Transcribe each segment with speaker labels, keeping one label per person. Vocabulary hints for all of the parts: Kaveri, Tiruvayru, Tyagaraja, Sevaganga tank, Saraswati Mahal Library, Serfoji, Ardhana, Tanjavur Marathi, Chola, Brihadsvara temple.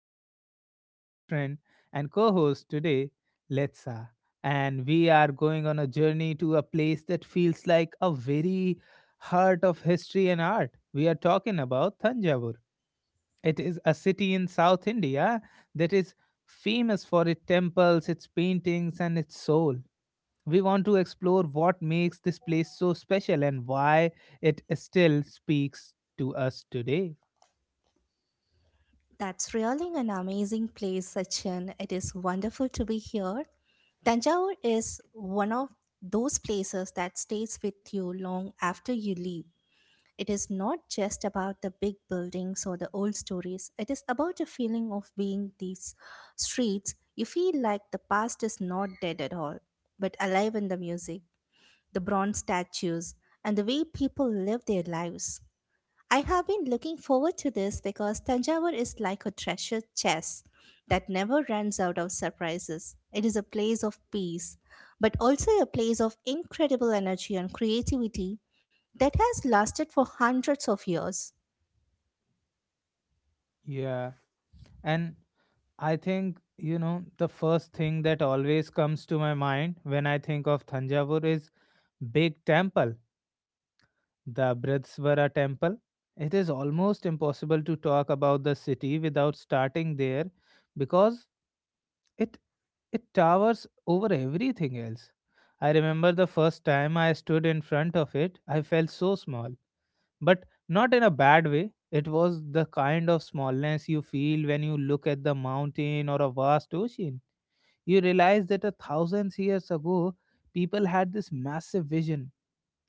Speaker 1: sitting here with my good friend and co-host today, Letsa. And we are going on a journey to a place that feels like a very heart of history and art. We are talking about Thanjavur. It is a city in South India that is famous for its temples, its paintings and its soul. We want to explore what makes this place so special and why it still speaks to us today.
Speaker 2: That's really an amazing place, Sachin. It is wonderful to be here. Tanjore is one of those places that stays with you long after you leave. It is not just about the big buildings or the old stories, it is about the feeling of being these streets. You feel like the past is not dead at all, but alive in the music, the bronze statues, and the way people live their lives. I have been looking forward to this because Tanjavur is like a treasure chest that never runs out of surprises. It is a place of peace, but also a place of incredible energy and creativity that has lasted for hundreds of years.
Speaker 1: Yeah. And I think, the first thing that always comes to my mind when I think of Thanjavur is big temple, the Brihadsvara temple. It is almost impossible to talk about the city without starting there because It it towers over everything else. I remember the first time I stood in front of it, I felt so small, but not in a bad way. It was the kind of smallness you feel when you look at the mountain or a vast ocean. You realize that a thousand years ago, people had this massive vision.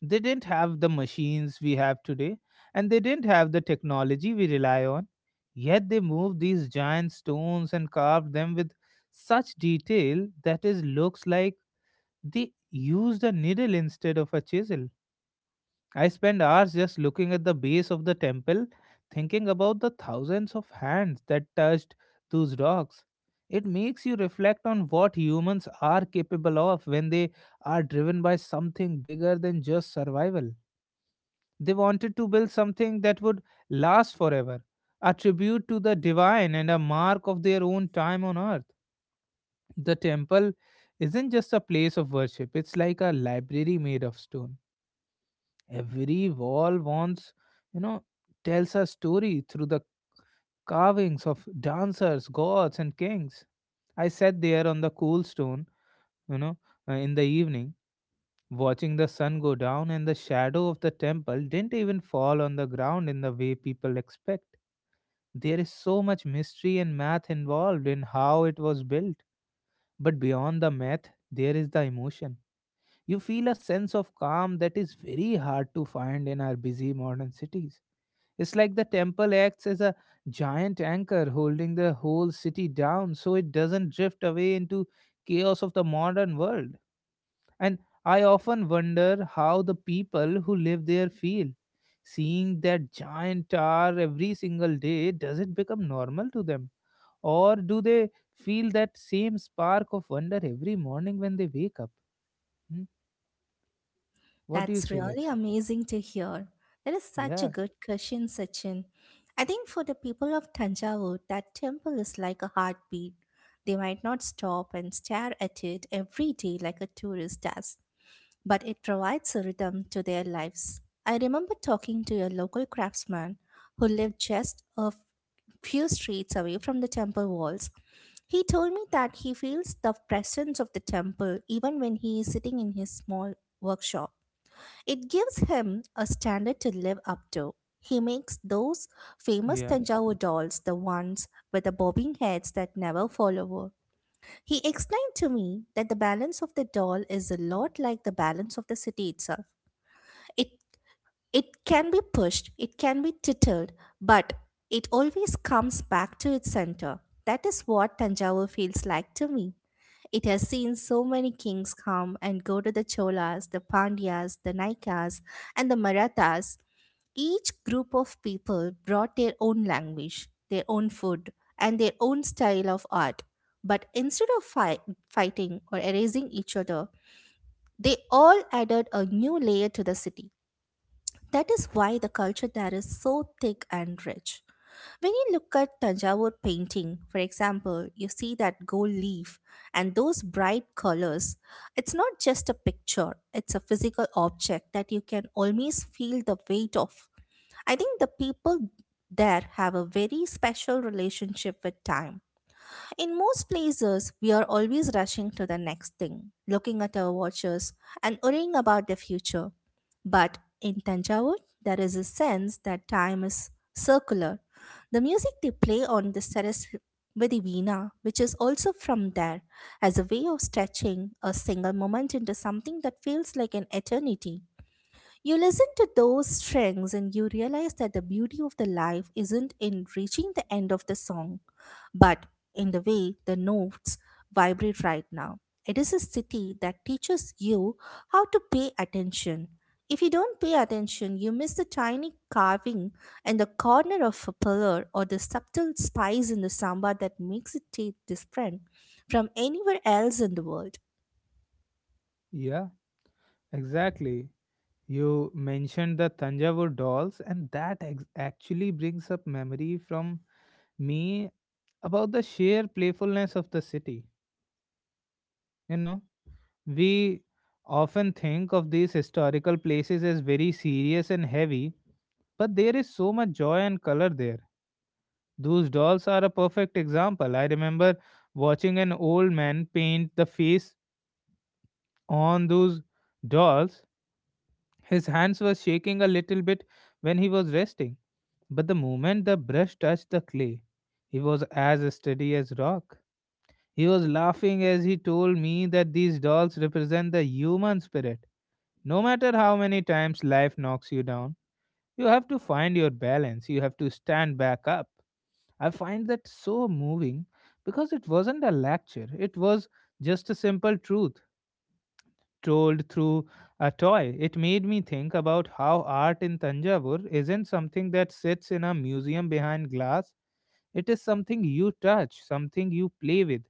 Speaker 1: They didn't have the machines we have today, and they didn't have the technology we rely on. Yet they moved these giant stones and carved them with such detail that it looks like they used a needle instead of a chisel. I spend hours just looking at the base of the temple, thinking about the thousands of hands that touched those rocks. It makes you reflect on what humans are capable of when they are driven by something bigger than just survival. They wanted to build something that would last forever, a tribute to the divine and a mark of their own time on earth. The temple isn't just a place of worship, it's like a library made of stone. Every wall wants, you know, tells a story through the carvings of dancers, gods, and kings. I sat there on the cool stone, you know, in the evening, watching the sun go down, and the shadow of the temple didn't even fall on the ground in the way people expect. There is so much mystery and math involved in how it was built. But beyond the math, there is the emotion. You feel a sense of calm that is very hard to find in our busy modern cities. It's like the temple acts as a giant anchor holding the whole city down so it doesn't drift away into chaos of the modern world. And I often wonder how the people who live there feel. Seeing that giant tower every single day, does it become normal to them? Or do they feel that same spark of wonder every morning when they wake up? Hmm? What do you
Speaker 2: That's
Speaker 1: say,
Speaker 2: really
Speaker 1: let's?
Speaker 2: amazing to hear. That is such a
Speaker 1: Yeah,
Speaker 2: good question, Sachin. I think for the people of Tanjavur, that temple is like a heartbeat. They might not stop and stare at it every day like a tourist does, but it provides a rhythm to their lives. I remember talking to a local craftsman who lived just a few streets away from the temple walls. He told me that he feels the presence of the temple even when he is sitting in his small workshop. It gives him a standard to live up to. He makes those famous
Speaker 1: yeah,
Speaker 2: Tanjavur dolls, the ones with the bobbing heads that never fall over. He explained to me that the balance of the doll is a lot like the balance of the city itself. It it can be pushed, it can be tittled, but it always comes back to its center. That is what Tanjavur feels like to me. It has seen so many kings come and go to the Cholas, the Pandyas, the Naikas, and the Marathas. Each group of people brought their own language, their own food, and their own style of art. But instead of fighting or erasing each other, they all added a new layer to the city. That is why the culture there is so thick and rich. When you look at Tanjavur painting, for example, you see that gold leaf and those bright colors. It's not just a picture, it's a physical object that you can always feel the weight of. I think the people there have a very special relationship with time. In most places, we are always rushing to the next thing, looking at our watches and worrying about the future. But in Tanjavur, there is a sense that time is circular. The music they play on the Saraswati Veena, which is also from there, as a way of stretching a single moment into something that feels like an eternity. You listen to those strings and you realize that the beauty of the life isn't in reaching the end of the song but in the way the notes vibrate right now. It is a city that teaches you how to pay attention. If you don't pay attention, you miss the tiny carving in the corner of a pillar or the subtle spice in the samba that makes it taste different from anywhere else in the world.
Speaker 1: yeah, exactly. You mentioned the Tanjavur dolls, and that actually brings up memory from me about the sheer playfulness of the city. You know, we often think of these historical places as very serious and heavy, but there is so much joy and color there. Those dolls are a perfect example. I remember watching an old man paint the face on those dolls. His hands were shaking a little bit when he was resting. But the moment the brush touched the clay, he was as steady as rock. He was laughing as he told me that these dolls represent the human spirit. No matter how many times life knocks you down, you have to find your balance, you have to stand back up. I find that so moving because it wasn't a lecture, it was just a simple truth told through a toy. It made me think about how art in Tanjavur isn't something that sits in a museum behind glass. It is something you touch, something you play with,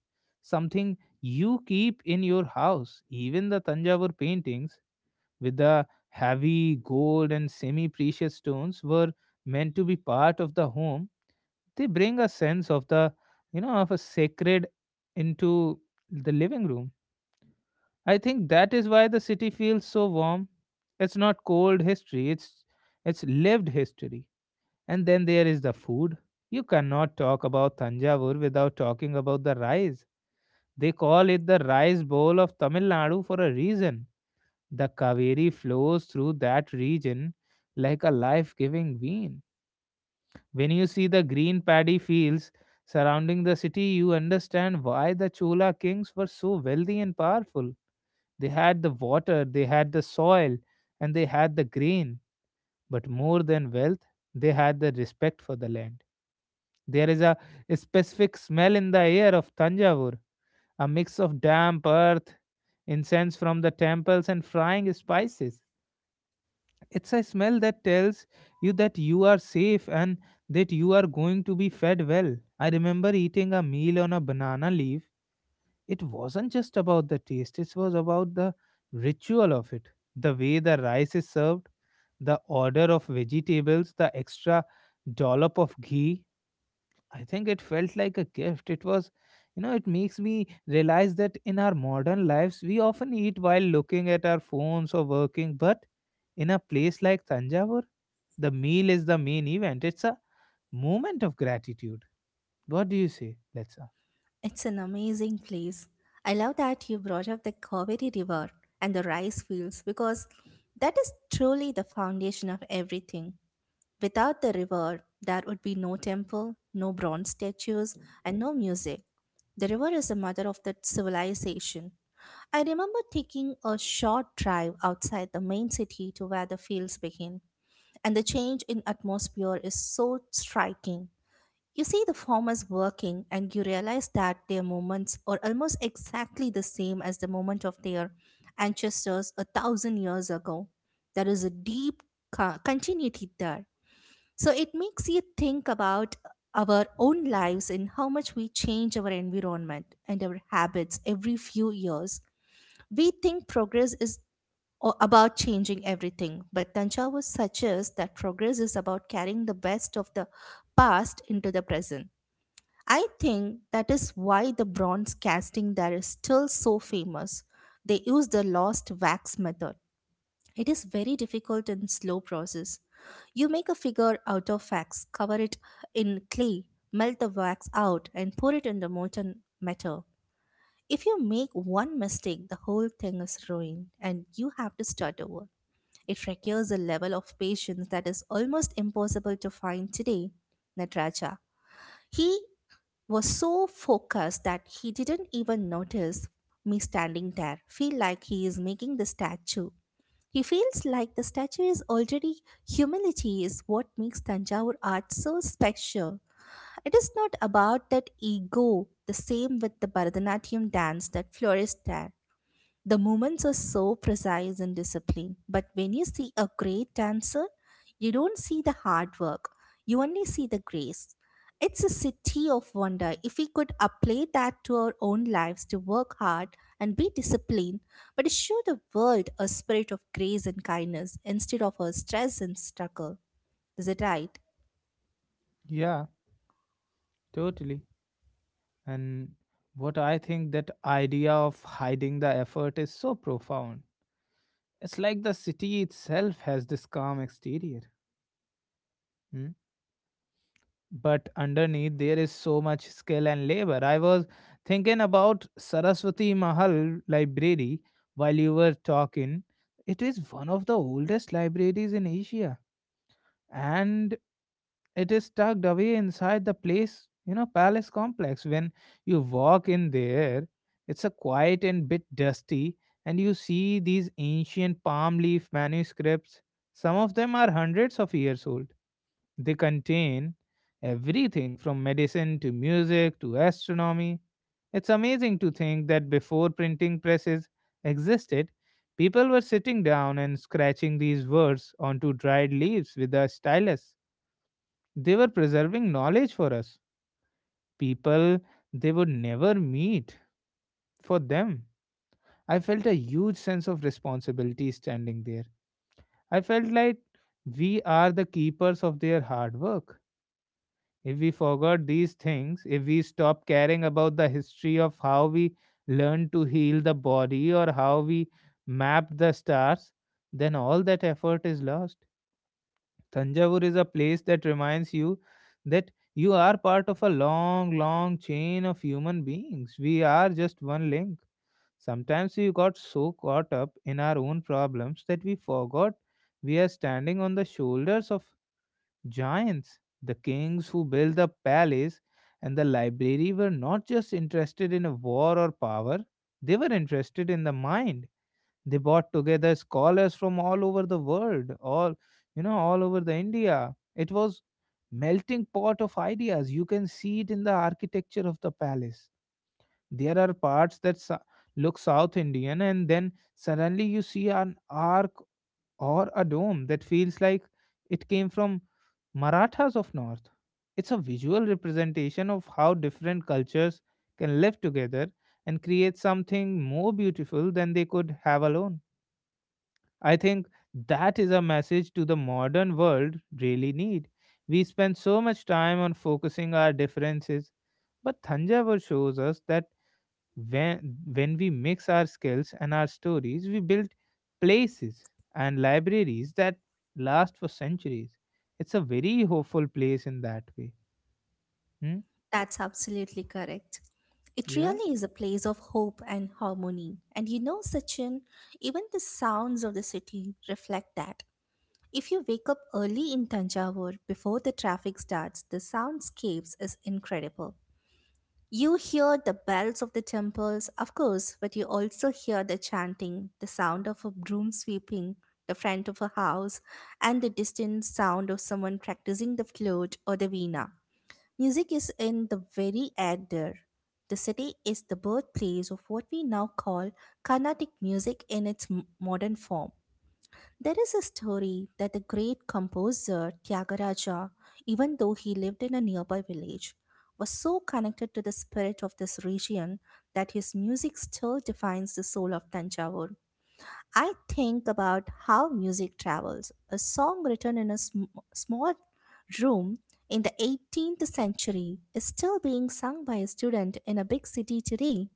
Speaker 1: something you keep in your house. Even the Tanjavur paintings with the heavy gold and semi precious stones were meant to be part of the home. They bring a sense of the, of a sacred into the living room. I think that is why the city feels so warm. It's not cold history, it's lived history. And then there is the food. You cannot talk about Tanjavur without talking about the rice. They call it the rice bowl of Tamil Nadu for a reason. The Kaveri flows through that region like a life giving vein. When you see the green paddy fields surrounding the city, you understand why the Chola kings were so wealthy and powerful. They had the water, they had the soil, and they had the grain. But more than wealth, they had the respect for the land. There is a specific smell in the air of Tanjavur, a mix of damp earth, incense from the temples, and frying spices. It's a smell that tells you that you are safe and that you are going to be fed well. I remember eating a meal on a banana leaf. It wasn't just about the taste, it was about the ritual of it. The way the rice is served, the order of vegetables, the extra dollop of ghee, I think it felt like a gift. It was, you know, it makes me realize that in our modern lives, we often eat while looking at our phones or working. But in a place like Tanjavur, the meal is the main event. It's a moment of gratitude. What do you say, Letsa?
Speaker 2: It's an amazing place. I love that you brought up the Kaveri River and the rice fields because that is truly the foundation of everything. Without the river, there would be no temple, no bronze statues, and no music. The river is the mother of the civilization. I remember taking a short drive outside the main city to where the fields begin, and the change in atmosphere is so striking. You see the farmers working, and you realize that their moments are almost exactly the same as the moment of their ancestors 1,000 years ago. There is a deep continuity there. So it makes you think about our own lives and how much we change our environment and our habits every few years. We think progress is about changing everything, but Tanjavur suggests that progress is about carrying the best of the past into the present. I think that is why the bronze casting there is still so famous. They use the lost wax method. It is very difficult and slow process. You make a figure out of wax, cover it in clay, melt the wax out and pour it in the molten metal. If you make one mistake, the whole thing is ruined and you have to start over. It requires a level of patience that is almost impossible to find today. Nataraja. He was so focused that he didn't even notice me standing there. Feel like he is making the statue, he feels like the statue is already humility is what makes Tanjavur art so special. It is not about that ego, the same with the Bharatanatyam dance that flourished there. The movements are so precise and disciplined, but when you see a great dancer, you don't see the hard work, you only see the grace. It's a city of wonder. If we could apply that to our own lives, to work hard and be disciplined, but to show the world a spirit of grace and kindness instead of a stress and struggle. Is it right?
Speaker 1: Yeah, totally. And what I think that idea of hiding the effort is so profound. It's like the city itself has this calm exterior. Hmm. But underneath there is so much skill and labor. I was thinking about Saraswati Mahal Library while you were talking. It is one of the oldest libraries in Asia and it is tucked away inside the place, palace complex. When you walk in there, it's a quiet and bit dusty, and you see these ancient palm leaf manuscripts. Some of them are hundreds of years old. They contain everything from medicine to music to astronomy. It's amazing to think that before printing presses existed, people were sitting down and scratching these words onto dried leaves with a stylus. They were preserving knowledge for us, people they would never meet for them. I felt a huge sense of responsibility standing there. I felt like we are the keepers of their hard work. If we forgot these things, if we stop caring about the history of how we learn to heal the body or how we map the stars, then all that effort is lost. Tanjavur is a place that reminds you that you are part of a long, long chain of human beings. We are just one link. Sometimes we got so caught up in our own problems that we forgot we are standing on the shoulders of Giants, the kings who built the palace and the library, were not just interested in war or power, they were interested in the mind. They brought together scholars from all over the world, all over the India. It was melting pot of ideas. You can see it in the architecture of the palace. There are parts that look South Indian, and then suddenly you see an arc or a dome that feels like it came from Marathas of North. It's a visual representation of how different cultures can live together and create something more beautiful than they could have alone. I think that is a message to the modern world really need. We spend so much time on focusing our differences, but Thanjavur shows us that when we mix our skills and our stories we build places and libraries that last for centuries. It's a very hopeful place in that way. Hmm?
Speaker 2: That's absolutely correct. It
Speaker 1: Yeah,
Speaker 2: really is a place of hope and harmony. And you know, Sachin, even the sounds of the city reflect that. If you wake up early in Tanjavur before the traffic starts, the soundscapes is incredible. You hear the bells of the temples, of course, but you also hear the chanting, the sound of a broom sweeping the front of a house, and the distant sound of someone practicing the flute or the veena. Music is in the very air there. The city is the birthplace of what we now call Carnatic music in its modern form. There is a story that the great composer Tyagaraja, even though he lived in a nearby village, was so connected to the spirit of this region that his music still defines the soul of Tanjavur. I think about how music travels. A song written in a small room in the 18th century is still being sung by a student in a big city today.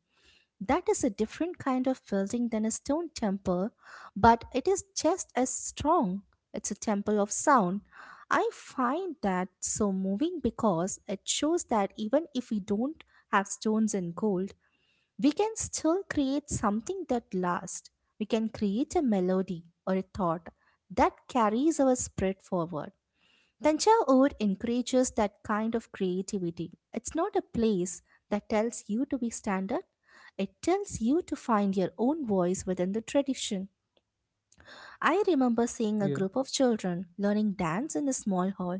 Speaker 2: That is a different kind of building than a stone temple, but it is just as strong. It's a temple of sound. I find that so moving because it shows that even if we don't have stones and gold, we can still create something that lasts. We can create a melody or a thought that carries our spirit forward. Tancha encourages that kind of creativity. It's not a place that tells you to be standard. It tells you to find your own voice within the tradition. I remember seeing a
Speaker 1: yeah,
Speaker 2: group of children learning dance in a small hall.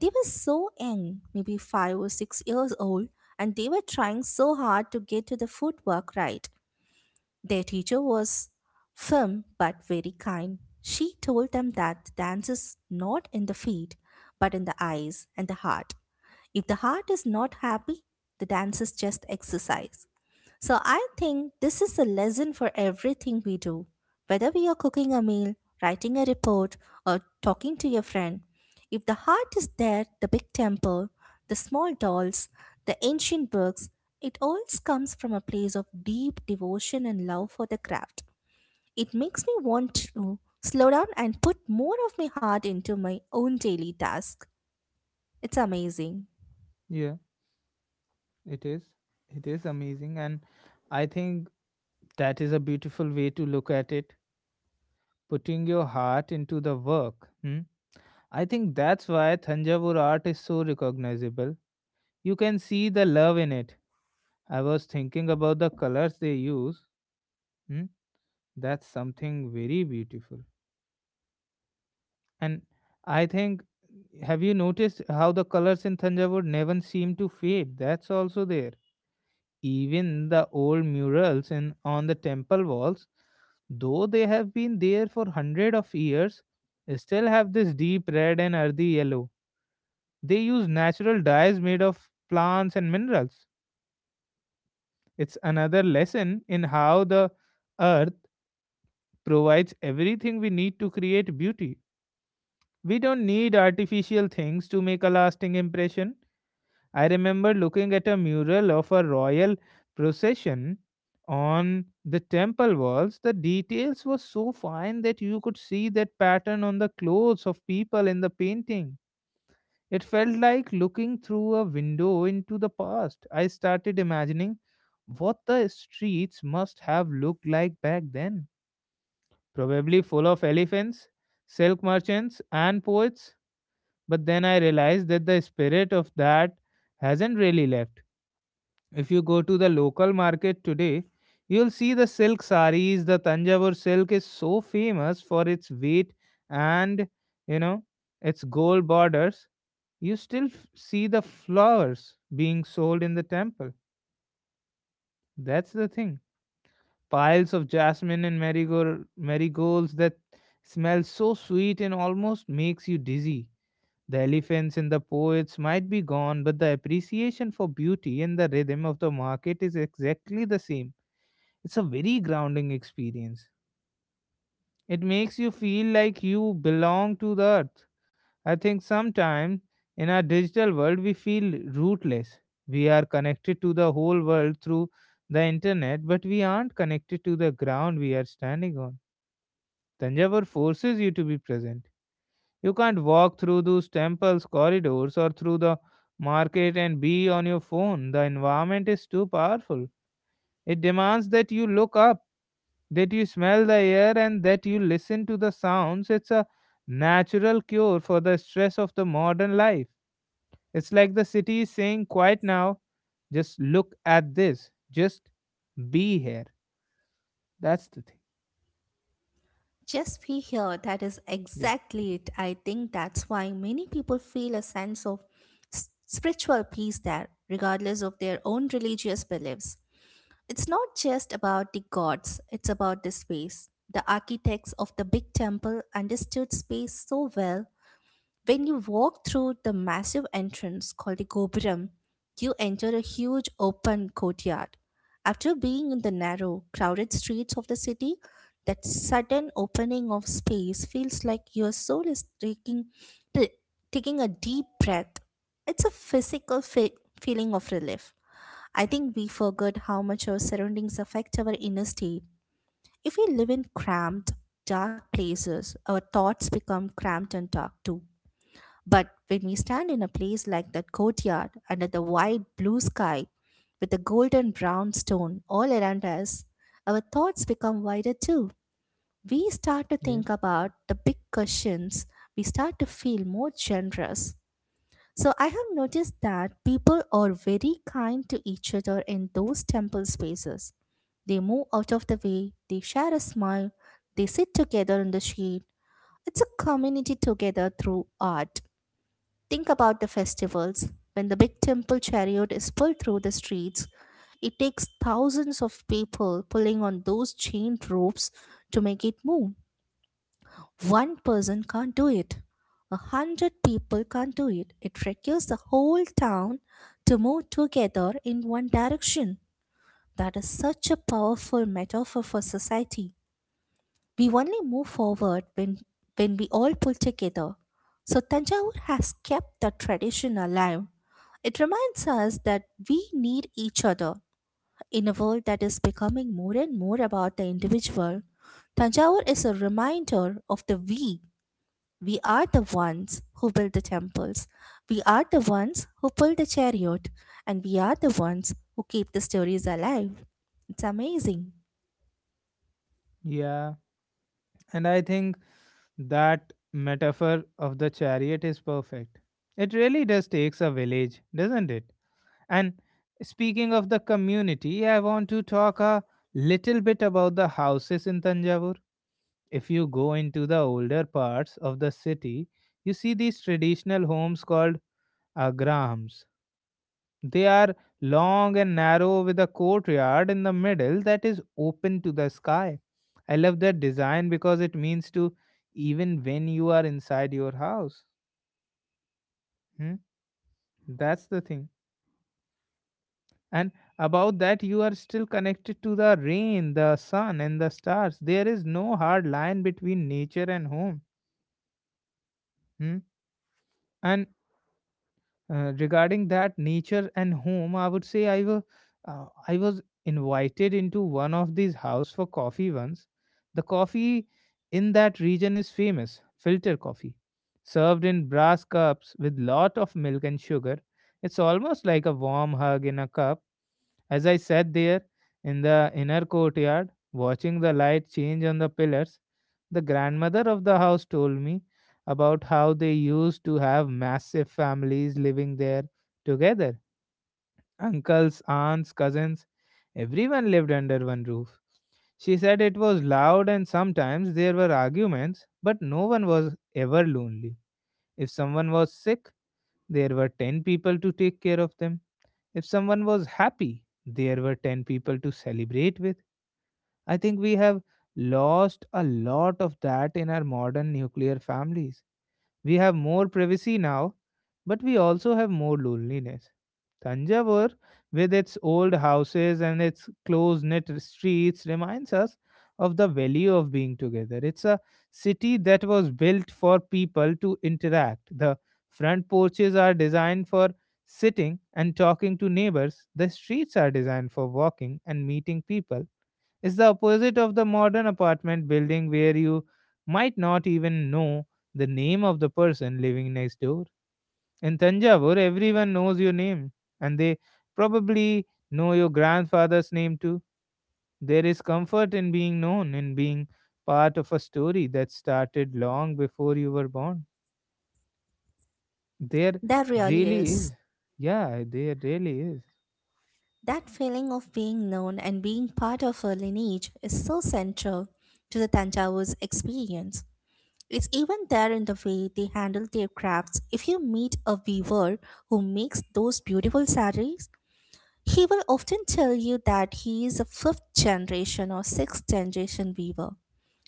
Speaker 2: They were so young, maybe 5 or 6 years old, and they were trying so hard to get to the footwork right. Their teacher was firm but very kind. She told them that dance is not in the feet, but in the eyes and the heart. If the heart is not happy, the dance is just exercise. So I think this is a lesson for everything we do. Whether we are cooking a meal, writing a report, or talking to your friend, if the heart is there, the big temple, the small dolls, the ancient books, it always comes from a place of deep devotion and love for the craft. It makes me want to slow down and put more of my heart into my own daily task. It's amazing.
Speaker 1: yeah, it is it is amazing. And I think that is a beautiful way to look at it, putting your heart into the work. Hmm? I think that's why thanjavur art is so recognizable. You can see the love in it. I was thinking about the colors they use. Hmm? That's something very beautiful. And I think, have you noticed how the colors in Thanjavur never seem to fade? That's also there. Even the old murals in on the temple walls, though they have been there for hundred of years, still have this deep red and earthy yellow. They use natural dyes made of plants and minerals. It's another lesson in how the earth provides everything we need to create beauty. We don't need artificial things to make a lasting impression. I remember looking at a mural of a royal procession on the temple walls. The details were so fine that you could see that pattern on the clothes of people in the painting. It felt like looking through a window into the past. I started imagining what the streets must have looked like back then. Probably full of elephants, silk merchants, and poets, but then I realized that the spirit of that hasn't really left. If you go to the local market today, you'll see the silk saris. The Tanjavur silk is so famous for its weight and, you know, its gold borders. You still see the flowers being sold in the temple. That's the thing. Piles of jasmine and marigolds that smell so sweet and almost makes you dizzy. The elephants and the poets might be gone, but the appreciation for beauty and the rhythm of the market is exactly the same. It's a very grounding experience. It makes you feel like you belong to the earth. I think sometimes in our digital world we feel rootless. We are connected to the whole world through the internet, but we aren't connected to the ground we are standing on. Tanjavur forces you to be present. You can't walk through those temples' corridors or through the market and be on your phone. The environment is too powerful. It demands that you look up, that you smell the air, and that you listen to the sounds. It's a natural cure for the stress of the modern life. It's like the city is saying, "Quiet now, just look at this, just be here." That's the thing.
Speaker 2: Just be here. That is
Speaker 1: Yeah.
Speaker 2: exactly it. I think that's why many people feel a sense of spiritual peace there, regardless of their own religious beliefs. It's not just about the gods, it's about the space. The architects of the big temple understood space so well. When you walk through the massive entrance called the Gopuram, you enter a huge open courtyard. After being in the narrow, crowded streets of the city, that sudden opening of space feels like your soul is t- taking a deep breath. It's a physical feeling of relief. I think we forget how much our surroundings affect our inner state. If we live in cramped, dark places, our thoughts become cramped and dark too. But when we stand in a place like that courtyard under the wide blue sky with the golden brown stone all around us, our thoughts become wider too. We start to
Speaker 1: Yeah.
Speaker 2: think about the big questions, we start to feel more generous. So, I have noticed that people are very kind to each other in those temple spaces. They move out of the way, they share a smile, they sit together in the shade. It's a community together through art. Think about the festivals. When the big temple chariot is pulled through the streets, it takes thousands of people pulling on those chained ropes to make it move. One person can't do it. 100 people can't do it. It requires the whole town to move together in one direction. That is such a powerful metaphor for society. We only move forward when we all pull together. So Tanjavur has kept the tradition alive. It reminds us that we need each other in a world that is becoming more and more about the individual. Tanjavur is a reminder of the we. We are the ones who build the temples. We are the ones who pull the chariot. And we are the ones who keep the stories alive. It's amazing.
Speaker 1: Yeah. And I think that metaphor of the chariot is perfect. It really does takes a village, doesn't it? And speaking of the community, I want to talk a little bit about the houses in Tanjavur. If you go into the older parts of the city, you see these traditional homes called agrams. They are long and narrow with a courtyard in the middle that is open to the sky. I love that design because it means to even when you are inside your house. Hmm? That's the thing. And about that, you are still connected to the rain, the sun, and the stars. There is no hard line between nature and home. Hmm? And regarding that nature and home, I would say I was invited into one of these house for coffee once. The coffee in that region is famous, filter coffee, served in brass cups with lot of milk and sugar. It's almost like a warm hug in a cup. As I sat there in the inner courtyard, watching the light change on the pillars, the grandmother of the house told me about how they used to have massive families living there together, uncles, aunts, cousins. Everyone lived under one roof. She said it was loud and sometimes there were arguments, but no one was ever lonely. If someone was sick, there were 10 people to take care of them. If someone was happy, there were 10 people to celebrate with. I think we have lost a lot of that in our modern nuclear families. We have more privacy now, but we also have more loneliness. Tanjavur, with its old houses and its close knit streets, reminds us of the value of being together. It's a city that was built for people to interact. The front porches are designed for sitting and talking to neighbors, the streets are designed for walking and meeting people. It's the opposite of the modern apartment building where you might not even know the name of the person living next door. In Tanjavur, everyone knows your name, and they probably know your grandfather's name too. There is comfort in being known, in being part of a story that started long before you were born. There
Speaker 2: That really
Speaker 1: really
Speaker 2: is.
Speaker 1: is. Yeah, there really is.
Speaker 2: That feeling of being known and being part of a lineage is so central to the Tanjavu's experience. It's even there in the way they handle their crafts. If you meet a weaver who makes those beautiful saris. He will often tell you that he is a fifth generation or sixth generation weaver.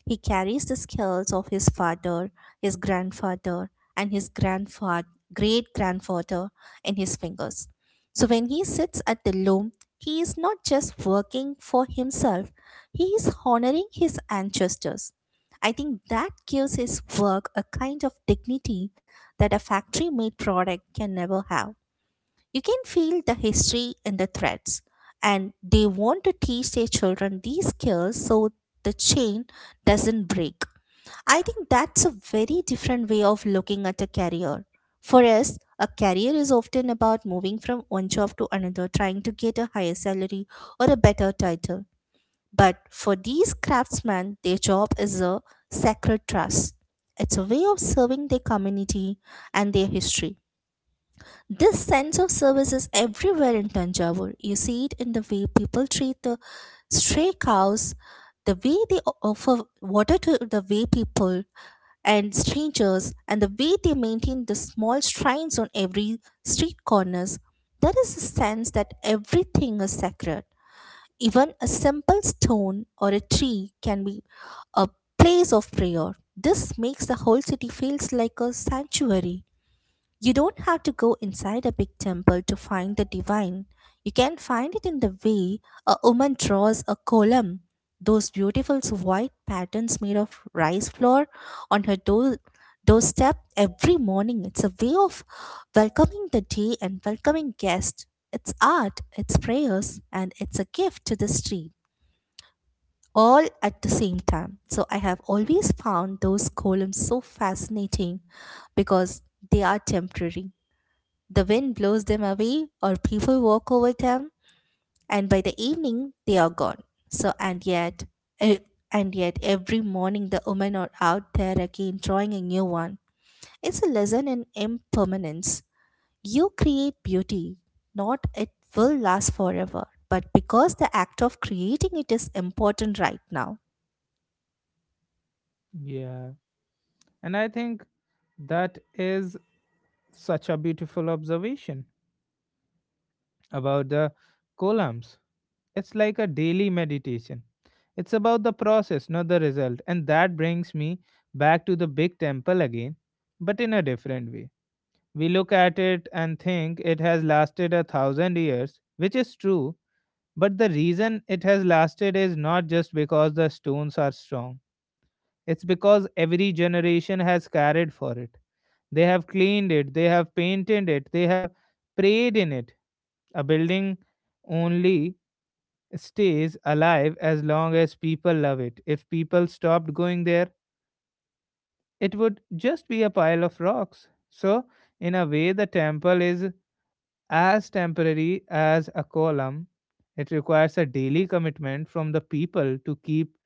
Speaker 2: He carries the skills of his father, his grandfather, and his grandfather, great grandfather in his fingers. So when he sits at the loom, he is not just working for himself, he is honoring his ancestors. I think that gives his work a kind of dignity that a factory made product can never have. You can feel the history in the threads, and they want to teach their children these skills so the chain doesn't break. I think that's a very different way of looking at a career. For us, a career is often about moving from one job to another, trying to get a higher salary or a better title. But for these craftsmen, their job is a sacred trust. It's a way of serving their community and their history. This sense of service is everywhere in Tanjavur. You see it in the way people treat the stray cows, the way they offer water to the way people and strangers, and the way they maintain the small shrines on every street corners. There is a sense that everything is sacred. Even a simple stone or a tree can be a place of prayer. This makes the whole city feels like a sanctuary. You don't have to go inside a big temple to find the divine. You can find it in the way a woman draws a column. Those beautiful white patterns made of rice flour on her doorstep every morning. It's a way of welcoming the day and welcoming guests. It's art, it's prayers, and it's a gift to the street, all at the same time. So I have always found those columns so fascinating because they are temporary, the wind blows them away, or people walk over them, and by the evening they are gone. So, and yet, e- every morning the women are out there again drawing a new one. It's a lesson in impermanence. You create beauty, not it will last forever, but because the act of creating it is important right now.
Speaker 1: Yeah. And I think that is such a beautiful observation about the columns. It's like a daily meditation. It's about the process, not the result. And that brings me back to the big temple again, but in a different way. We look at it and think it has lasted a thousand years, which is true, but the reason it has lasted is not just because the stones are strong. It's because every generation has carried for it. They have cleaned it, they have painted it, they have prayed in it. A building only stays alive as long as people love it. If people stopped going there, it would just be a pile of rocks. So, in a way, the temple is as temporary as a column. It requires a daily commitment from the people to keep,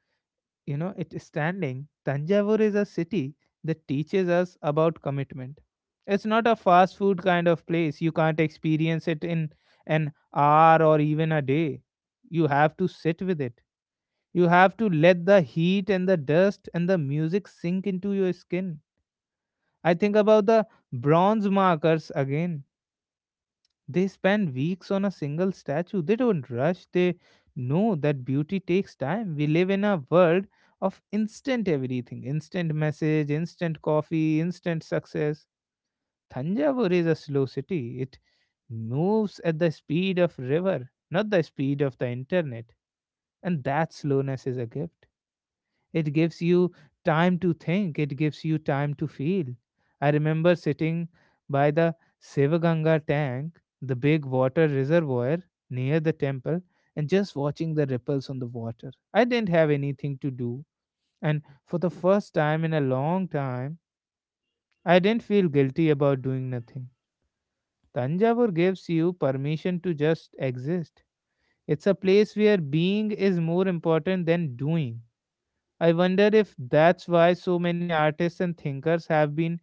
Speaker 1: you know, it standing. Tanjavur is a city that teaches us about commitment. It's not a fast food kind of place. You can't experience it in an hour or even a day. You have to sit with it. You have to let the heat and the dust and the music sink into your skin. I think about the bronze markers again. They spend weeks on a single statue. They don't rush. They know that beauty takes time. We live in a world of instant everything: instant message, instant coffee, instant success. Thanjavur is a slow city. It moves at the speed of river, not the speed of the internet. And that slowness is a gift. It gives you time to think, it gives you time to feel. I remember sitting by the Sevaganga tank, the big water reservoir near the temple, and just watching the ripples on the water. I didn't have anything to do, and for the first time in a long time, I didn't feel guilty about doing nothing. Tanjavur gives you permission to just exist. It's a place where being is more important than doing. I wonder if that's why so many artists and thinkers have been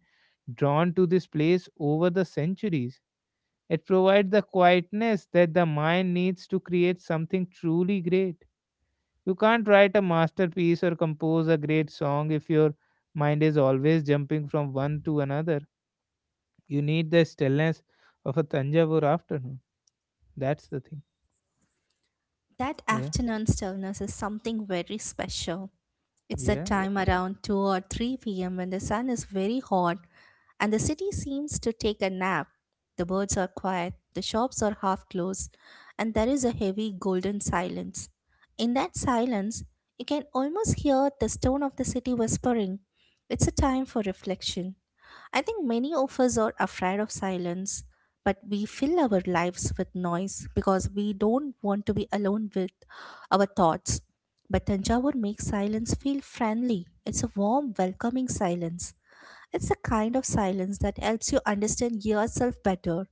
Speaker 1: drawn to this place over the centuries. It provides the quietness that the mind needs to create something truly great. You can't write a masterpiece or compose a great song if your mind is always jumping from one to another. You need the stillness of a Tanjavur afternoon. That's the thing.
Speaker 2: That
Speaker 1: Yeah,
Speaker 2: afternoon stillness is something very special. It's a
Speaker 1: yeah,
Speaker 2: time around 2 or 3 p.m., when the sun is very hot and the city seems to take a nap. The birds are quiet, the shops are half closed, and there is a heavy golden silence. In that silence, you can almost hear the stone of the city whispering. It's a time for reflection. I think many of us are afraid of silence, but we fill our lives with noise because we don't want to be alone with our thoughts. But Tanjavur makes silence feel friendly. It's a warm, welcoming silence. It's the kind of silence that helps you understand yourself better.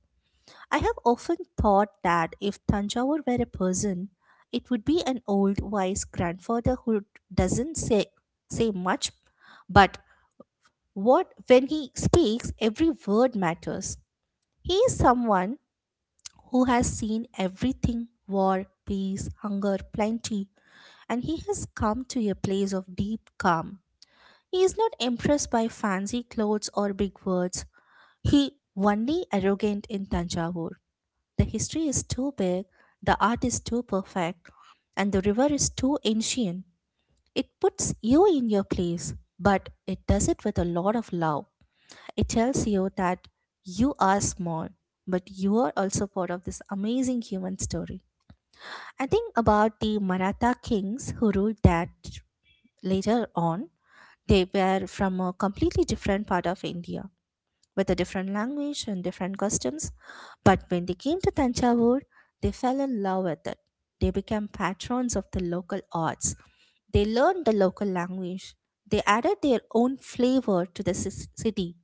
Speaker 2: I have often thought that if Tanjavur were a person, it would be an old, wise grandfather who doesn't say much, but what when he speaks, every word matters. He is someone who has seen everything: war, peace, hunger, plenty, and he has come to a place of deep calm. He is not impressed by fancy clothes or big words. He only arrogant in Tanjavur. The history is too big, the art is too perfect, and the river is too ancient. It puts you in your place, but it does it with a lot of love. It tells you that you are small, but you are also part of this amazing human story. I think about the Maratha kings who ruled that later on. They were from a completely different part of India with a different language and different customs. But when they came to Tanjavur, they fell in love with it. They became patrons of the local arts. They learned the local language. They added their own flavor to the city,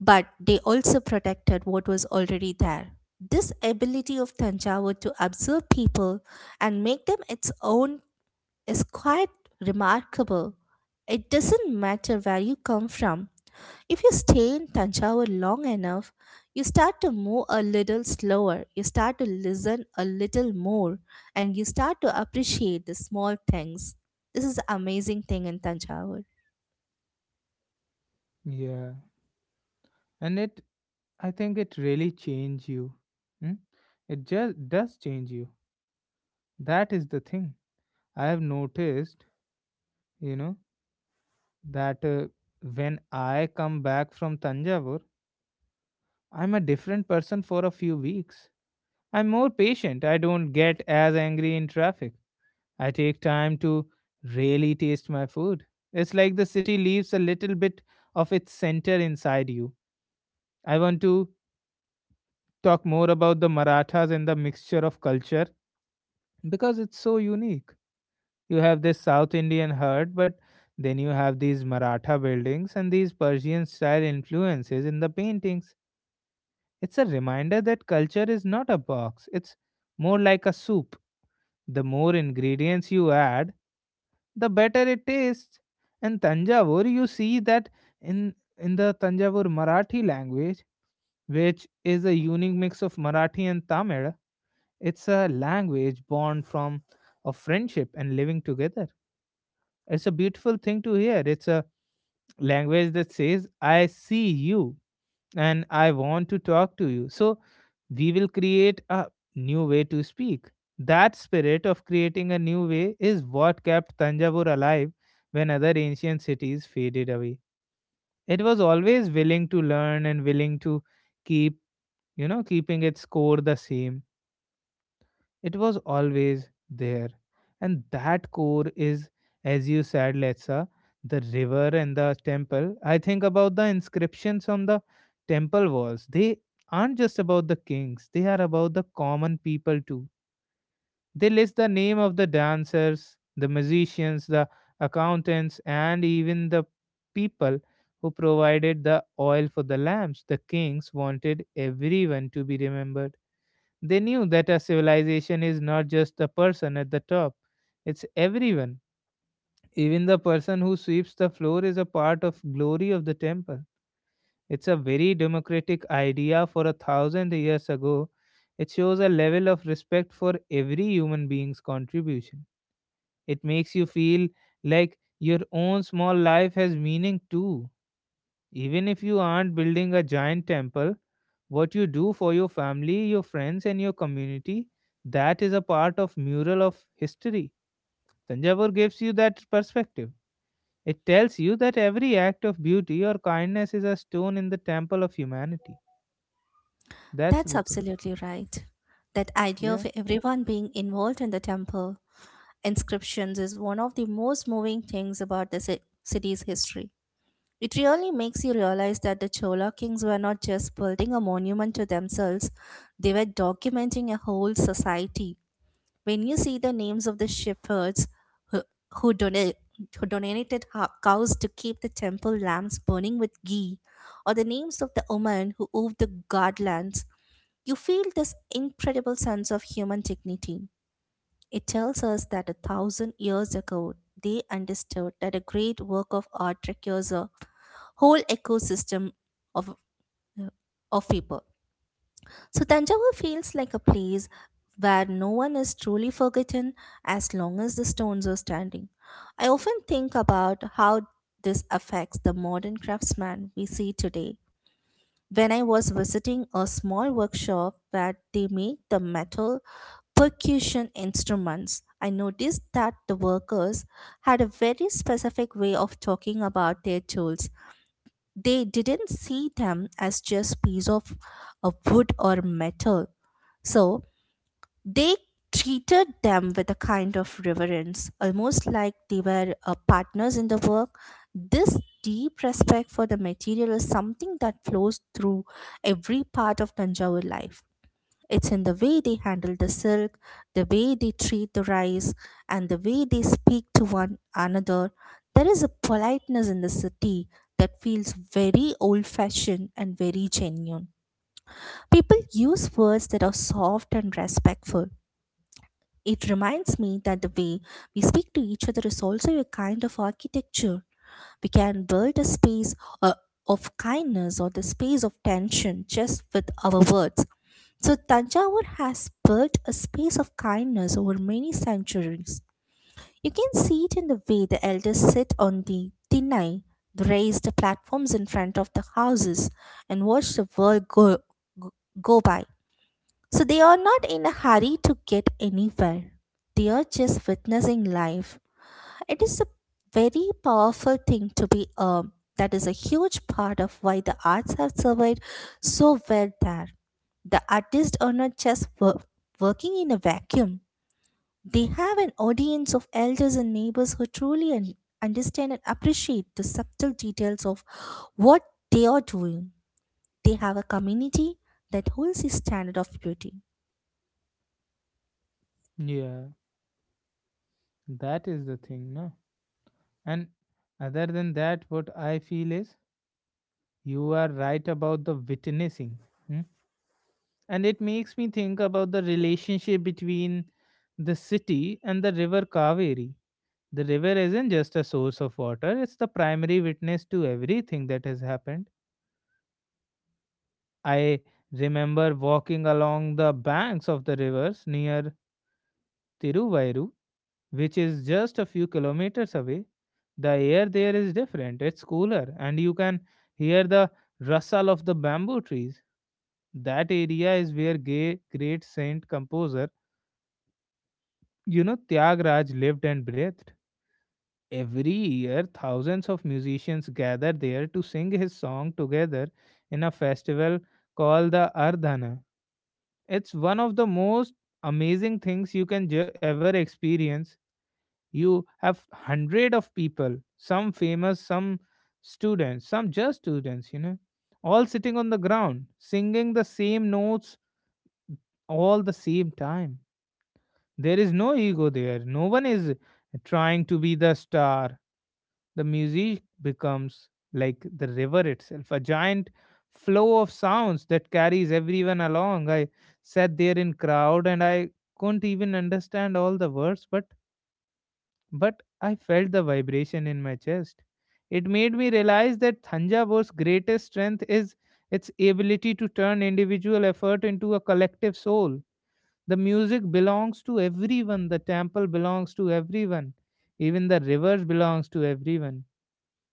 Speaker 2: but they also protected what was already there. This ability of Tanjavur to observe people and make them its own is quite remarkable. It doesn't matter where you come from. If you stay in Tanjavur long enough, you start to move a little slower, you start to listen a little more, and you start to appreciate the small things. This is the amazing thing in Tanjavur.
Speaker 1: yeah. And it, I think it really changes you. Hmm? It just does change you. That is the thing. I have noticed, you know, that when I come back from Tanjavur, I'm a different person for a few weeks. I'm more patient. I don't get as angry in traffic. I take time to really taste my food. It's like the city leaves a little bit of its center inside you. I want to talk more about the Marathas and the mixture of culture because it's so unique. You have this South Indian herd, but then you have these Maratha buildings and these Persian style influences in the paintings. It's a reminder that culture is not a box, it's more like a soup. The more ingredients you add, the better it tastes. And Tanjavur, you see that in the Tanjavur Marathi language, which is a unique mix of Marathi and Tamil. It's a language born from of friendship and living together. It's a beautiful thing to hear. It's a language that says, "I see you and I want to talk to you. So we will create a new way to speak." That spirit of creating a new way is what kept Tanjavur alive when other ancient cities faded away. It was always willing to learn and willing to keep keeping its core the same. It was always there. And that core is, as you said, Letsa, the river and the temple. I think about the inscriptions on the temple walls. They aren't just about the kings, they are about the common people too. They list the name of the dancers, the musicians, the accountants, and even the people who provided the oil for the lamps. The kings wanted everyone to be remembered. They knew that a civilization is not just the person at the top, it's everyone. Even the person who sweeps the floor is a part of glory of the temple. It's a very democratic idea for a thousand years ago. It shows a level of respect for every human being's contribution. It makes you feel like your own small life has meaning too. Even if you aren't building a giant temple, what you do for your family, your friends and your community, that is a part of mural of history. Tanjavur gives you that perspective. It tells you that every act of beauty or kindness is a stone in the temple of humanity. That's
Speaker 2: That's
Speaker 1: the thing.
Speaker 2: absolutely right. That idea
Speaker 1: Yeah,
Speaker 2: of everyone being involved in the temple inscriptions is one of the most moving things about the city's history. It really makes you realize that the Chola kings were not just building a monument to themselves, they were documenting a whole society. When you see the names of the shepherds who, who, donate, who donated cows to keep the temple lamps burning with ghee, or the names of the women who owned the godlands, you feel this incredible sense of human dignity. It tells us that 1,000 years ago, they understood that a great work of art requires a whole ecosystem of of people. So Tanjavur feels like a place where no one is truly forgotten as long as the stones are standing. I often think about how this affects the modern craftsman we see today. When I was visiting a small workshop where they make the metal percussion instruments, I noticed that the workers had a very specific way of talking about their tools. They didn't see them as just piece of wood or metal, so they treated them with a kind of reverence, almost like they were partners in the work. This deep respect for the material is something that flows through every part of Tanjavur life. It's in the way they handle the silk, the way they treat the rice, and the way they speak to one another. There is a politeness in the city that feels very old fashioned and very genuine. People use words that are soft and respectful. It reminds me that the way we speak to each other is also a kind of architecture. We can build a space uh, of kindness or the space of tension just with our words. So Tanjavur has built a space of kindness over many centuries. You can see it in the way the elders sit on the Tinnai, the raised platforms in front of the houses, and watch the world go, go by. So they are not in a hurry to get anywhere. They are just witnessing life. It is a very powerful thing to be. That is a huge part of why the arts have survived so well there. The artists are not just working in a vacuum. They have an audience of elders and neighbors who truly understand and appreciate the subtle details of what they are doing. They have a community that holds a standard of beauty.
Speaker 1: yeah. That is the thing. No, and other than that, what I feel is you are right about the witnessing. Hmm? And it makes me think about the relationship between the city and the river Kaveri. The river isn't just a source of water, it's the primary witness to everything that has happened. I remember walking along the banks of the rivers near Tiruvayru, which is just a few kilometers away. The air there is different, it's cooler, and you can hear the rustle of the bamboo trees. That area is where great saint composer Tyag Raj lived and breathed. Every year, thousands of musicians gather there to sing his song together in a festival called the Ardhana. It's one of the most amazing things you can ever experience. You have hundred of people, some famous, some students, some just students, all sitting on the ground, singing the same notes all the same time. There is no ego there. No one is trying to be the star. The music becomes like the river itself, a giant flow of sounds that carries everyone along. I sat there in crowd and I couldn't even understand all the words, but I felt the vibration in my chest. It made me realize that Thanjavore's greatest strength is its ability to turn individual effort into a collective soul. The music belongs to everyone, the temple belongs to everyone, even the rivers belongs to everyone.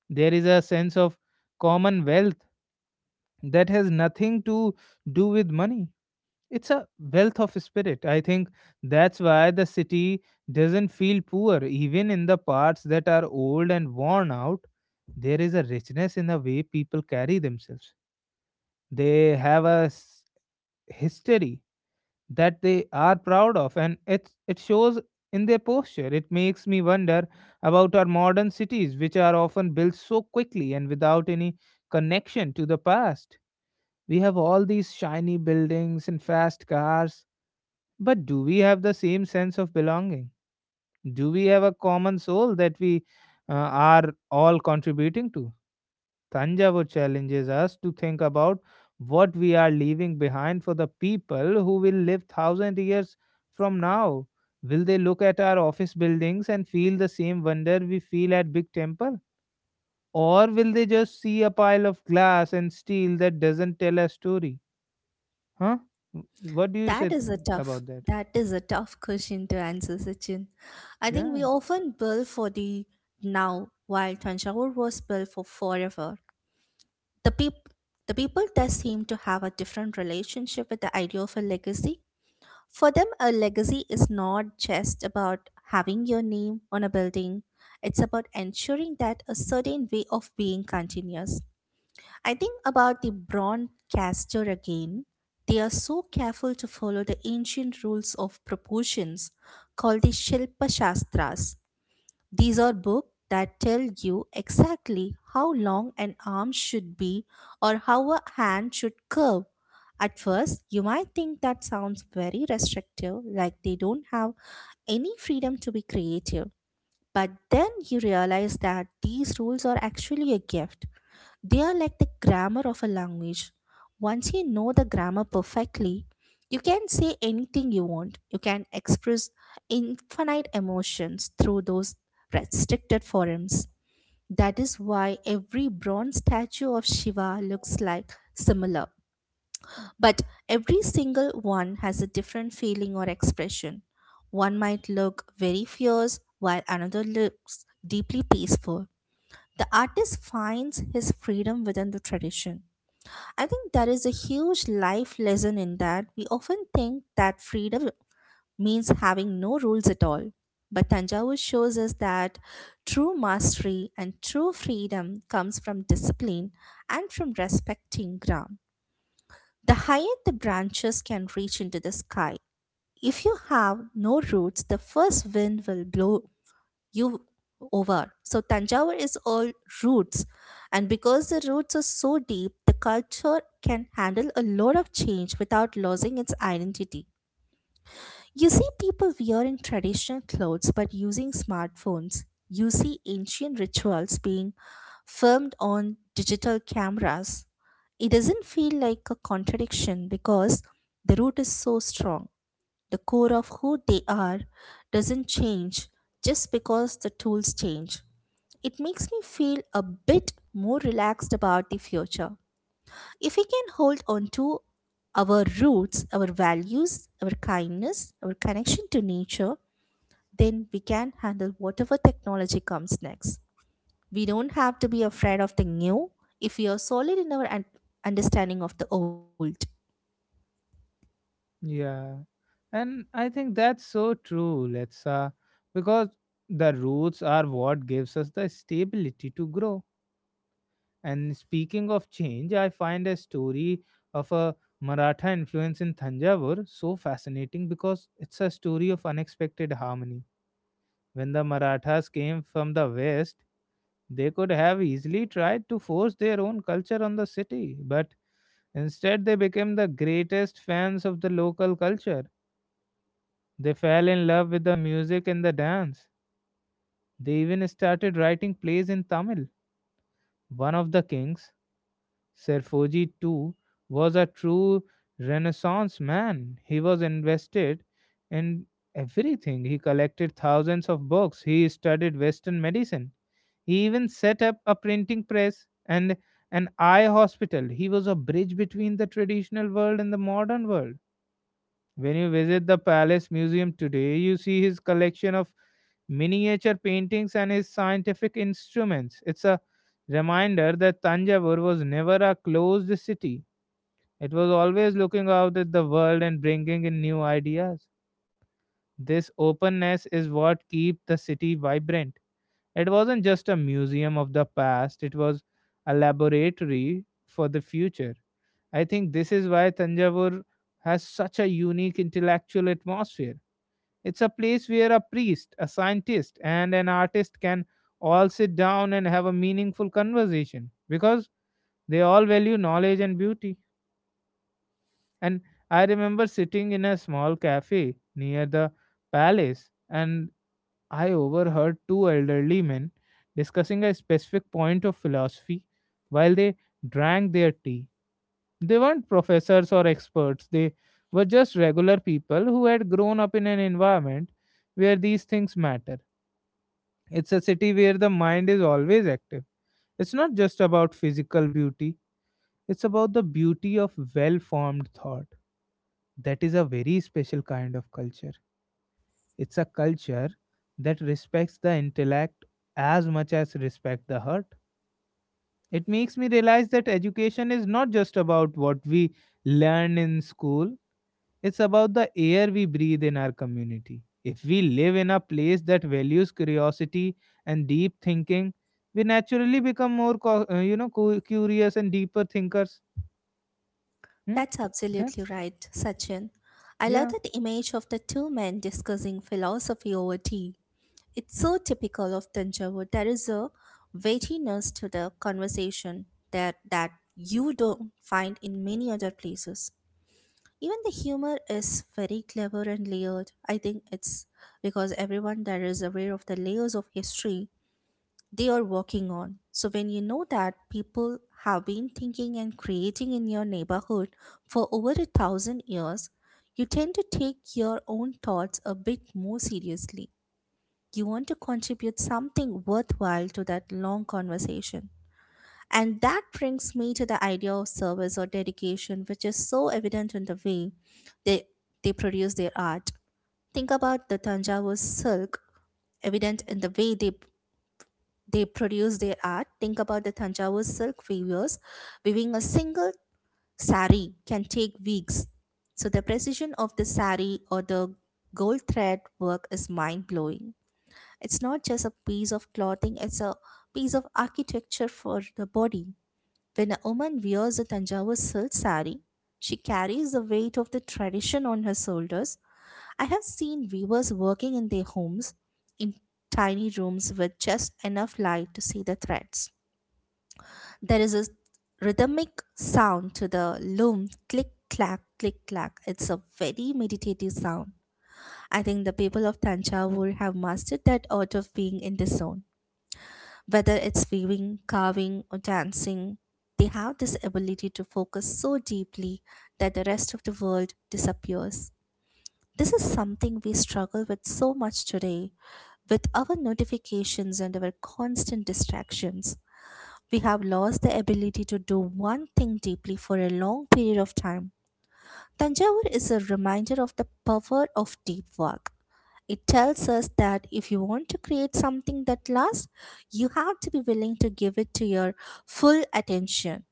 Speaker 1: There is a sense of commonwealth that has nothing to do with money. It's a wealth of spirit. I think that's why the city doesn't feel poor, even in the parts that are old and worn out. There is a richness in the way people carry themselves. They have a history that they are proud of, and it shows in their posture. It makes me wonder about our modern cities, which are often built so quickly and without any connection to the past. We have all these shiny buildings and fast cars, but do we have the same sense of belonging? Do we have a common soul that we are all contributing to? Tanjavur challenges us to think about what we are leaving behind for the people who will live 1,000 years from now. Will they look at our office buildings and feel the same wonder we feel at big temple? Or will they just see a pile of glass and steel that doesn't tell a story? Huh? W- What do you
Speaker 2: That
Speaker 1: say
Speaker 2: is a tough
Speaker 1: about that?
Speaker 2: that is a tough question to answer, Sachin. I think we
Speaker 1: Yeah,
Speaker 2: often build for the now, while Tanjavur was built for forever. The the people there seem to have a different relationship with the idea of a legacy. For them, a legacy is not just about having your name on a building. It's about ensuring that a certain way of being continues. I think about the broadcaster again. They are so careful to follow the ancient rules of proportions called the Shilpa Shastras. These are books that tell you exactly how long an arm should be or how a hand should curve. At first, you might think that sounds very restrictive, like they don't have any freedom to be creative. But then you realize that these rules are actually a gift. They are like the grammar of a language. Once you know the grammar perfectly, you can say anything you want. You can express infinite emotions through those restricted forms. That is why every bronze statue of Shiva looks like similar. But every single one has a different feeling or expression. One might look very fierce, while another looks deeply peaceful. The artist finds his freedom within the tradition. I think there is a huge life lesson in that. We often think that freedom means having no rules at all. But Tanjavur shows us that true mastery and true freedom comes from discipline and from respecting ground. The higher the branches can reach into the sky, if you have no roots, the first wind will blow you over. So Tanjore is all roots, and because the roots are so deep, the culture can handle a lot of change without losing its identity. You see people wearing traditional clothes but using smartphones. You see ancient rituals being filmed on digital cameras. It doesn't feel like a contradiction because the root is so strong. The core of who they are doesn't change just because the tools change. It makes me feel a bit more relaxed about the future. If we can hold on to our roots, our values, our kindness, our connection to nature, then we can handle whatever technology comes next. We don't have to be afraid of the new if we are solid in our understanding of the old.
Speaker 1: yeah. And I think that's so true, Letsa, because the roots are what gives us the stability to grow. And speaking of change, I find a story of a Maratha influence in Thanjavur so fascinating because it's a story of unexpected harmony. When the Marathas came from the west, they could have easily tried to force their own culture on the city, but instead they became the greatest fans of the local culture. They fell in love with the music and the dance. They even started writing plays in Tamil. One of the kings, Serfoji too, was a true Renaissance man. He was invested in everything. He collected thousands of books. He studied Western medicine. He even set up a printing press and an eye hospital. He was a bridge between the traditional world and the modern world. When you visit the Palace Museum today, you see his collection of miniature paintings and his scientific instruments. It's a reminder that Tanjavur was never a closed city. It was always looking out at the world and bringing in new ideas. This openness is what keep the city vibrant. It wasn't just a museum of the past, it was a laboratory for the future. I think this is why Tanjavur has such a unique intellectual atmosphere. It's a place where a priest, a scientist, and an artist can all sit down and have a meaningful conversation because they all value knowledge and beauty. And I remember sitting in a small cafe near the palace, and I overheard two elderly men discussing a specific point of philosophy while they drank their tea. They weren't professors or experts, they were just regular people who had grown up in an environment where these things matter. It's a city where the mind is always active. It's not just about physical beauty, it's about the beauty of well formed thought. That is a very special kind of culture. It's a culture that respects the intellect as much as respect the heart. It makes me realize that education is not just about what we learn in school, it's about the air we breathe in our community. If we live in a place that values curiosity and deep thinking, we naturally become more curious and deeper thinkers. Hmm?
Speaker 2: That's absolutely
Speaker 1: That's
Speaker 2: right, Sachin. I love
Speaker 1: Yeah,
Speaker 2: that image of the two men discussing philosophy over tea. It's so typical of Tanjavur. There is a weightiness to the conversation that you don't find in many other places. Even the humor is very clever and layered. I think it's because everyone there is aware of the layers of history they are working on. So when you know that people have been thinking and creating in your neighborhood for over a thousand years, you tend to take your own thoughts a bit more seriously. You want to contribute something worthwhile to that long conversation. And that brings me to the idea of service or dedication, which is so evident in the way they, they produce their art. Think about the Tanjavur silk, evident in the way they produce their art. Think about the Tanjavur silk weavers. Weaving a single sari can take weeks. So the precision of the sari or the gold thread work is mind blowing. It's not just a piece of clothing, it's a piece of architecture for the body. When a woman wears a Tanjavur silk saree, she carries the weight of the tradition on her shoulders. I have seen weavers working in their homes in tiny rooms with just enough light to see the threads. There is a rhythmic sound to the loom click clack click clack. It's a very meditative sound. I think the people of Tanjavur have mastered that art of being in the zone. Whether it's weaving, carving, or dancing, they have this ability to focus so deeply that the rest of the world disappears. This is something we struggle with so much today. With our notifications and our constant distractions, we have lost the ability to do one thing deeply for a long period of time. Tanjavur is a reminder of the power of deep work. It tells us that if you want to create something that lasts, you have to be willing to give it to your full attention.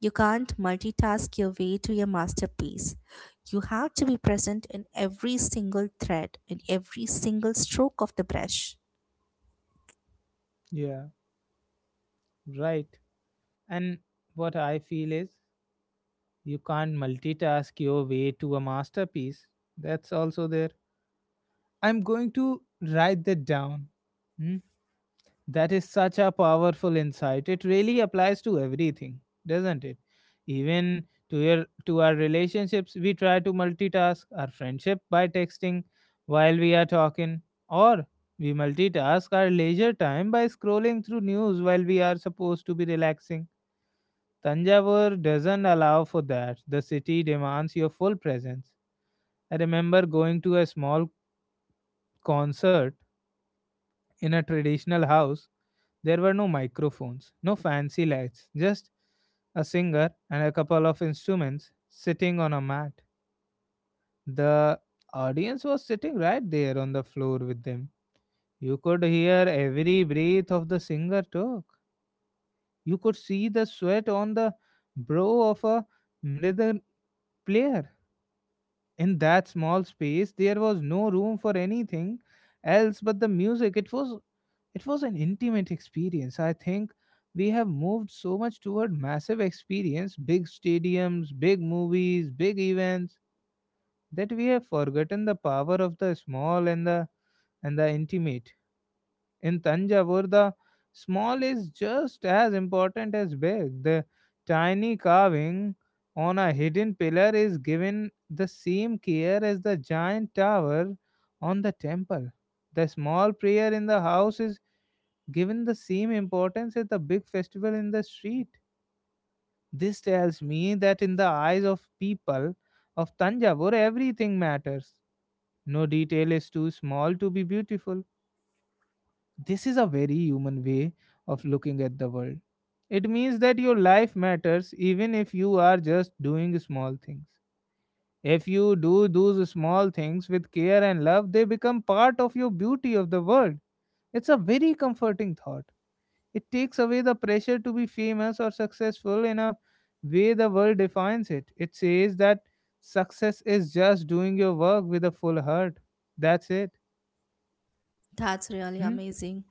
Speaker 2: You can't multitask your way to your masterpiece. You have to be present in every single thread, in every single stroke of the brush.
Speaker 1: yeah, right. And what I feel is, you can't multitask your way to a masterpiece. That's also there. I'm going to write that down. Hmm? That is such a powerful insight. It really applies to everything, doesn't it? Even to your to our relationships. We try to multitask our friendship by texting while we are talking, or we multitask our leisure time by scrolling through news while we are supposed to be relaxing. Tanjavur doesn't allow for that. The city demands your full presence. I remember going to a small concert in a traditional house. There were no microphones, no fancy lights, just a singer and a couple of instruments sitting on a mat. The audience was sitting right there on the floor with them. You could hear every breath of the singer talk. You could see the sweat on the brow of a mridal player. In that small space there was no room for anything else but the music. It was an intimate experience. I think we have moved so much toward massive experience, big stadiums, big movies, big events, that we have forgotten the power of the small and the intimate. In Tanjavur, the small is just as important as big. The tiny carving on a hidden pillar is given the same care as the giant tower on the temple. The small prayer in the house is given the same importance as the big festival in the street. This tells me that in the eyes of people of Tanjavur, everything matters. No detail is too small to be beautiful. This is a very human way of looking at the world. It means that your life matters even if you are just doing small things. If you do those small things with care and love, they become part of your beauty of the world. It's a very comforting thought. It takes away the pressure to be famous or successful in a way the world defines it. It says that success is just doing your work with a full heart. That's it.
Speaker 2: That's
Speaker 1: Hmm?
Speaker 2: really amazing.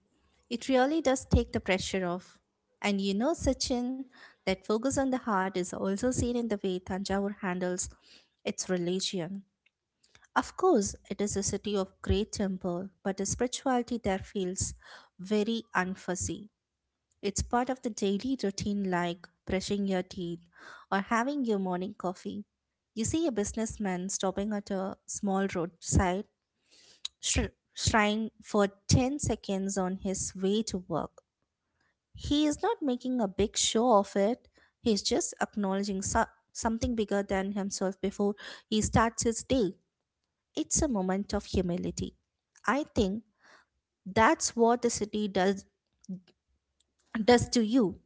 Speaker 2: It really does take the pressure off. And you know, Sachin, that focus on the heart is also seen in the way Tanjavur handles its religion. Of course, it is a city of great temple, but the spirituality there feels very unfussy. It's part of the daily routine like brushing your teeth or having your morning coffee. You see a businessman stopping at a small roadside shrine for 10 seconds on his way to work. He is not making a big show of it, he's just acknowledging something bigger than himself before he starts his day. It's a moment of humility. I think that's what the city does to you.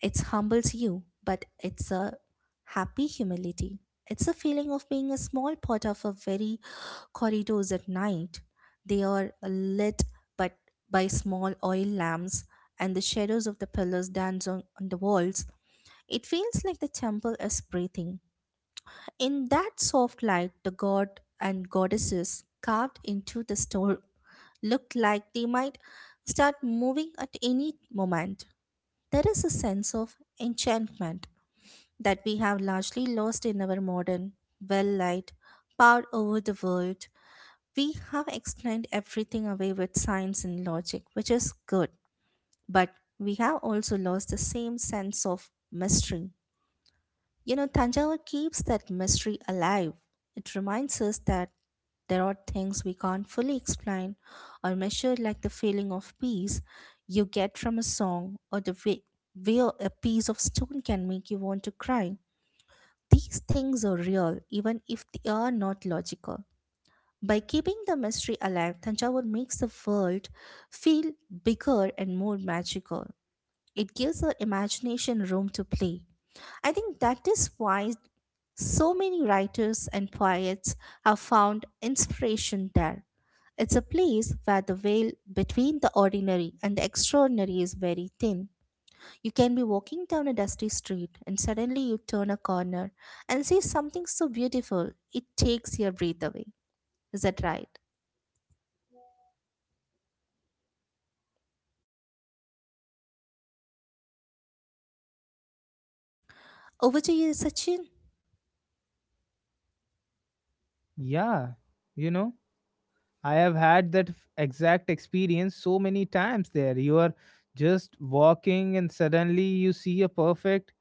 Speaker 2: It humbles you, but it's a happy humility. It's a feeling of being a small part of a very corridors at night. They are lit but by small oil lamps and the shadows of the pillars dance on the walls. It feels like the temple is breathing. In that soft light, the god and goddesses carved into the stone looked like they might start moving at any moment. There is a sense of enchantment that we have largely lost in our modern, well light, power over the world. We have explained everything away with science and logic, which is good, but we have also lost the same sense of mystery. You know, Tanjavur keeps that mystery alive. It reminds us that there are things we can't fully explain or measure, like the feeling of peace you get from a song or the way a piece of stone can make you want to cry. These things are real, even if they are not logical. By keeping the mystery alive, Tanjavur makes the world feel bigger and more magical. It gives our imagination room to play. I think that is why so many writers and poets have found inspiration there. It's a place where the veil between the ordinary and the extraordinary is very thin. You can be walking down a dusty street and suddenly you turn a corner and see something so beautiful it takes your breath away. Is that right? Over to you, Sachin.
Speaker 1: Yeah, you know, I have had that exact experience so many times there. You are just walking and suddenly you see a perfect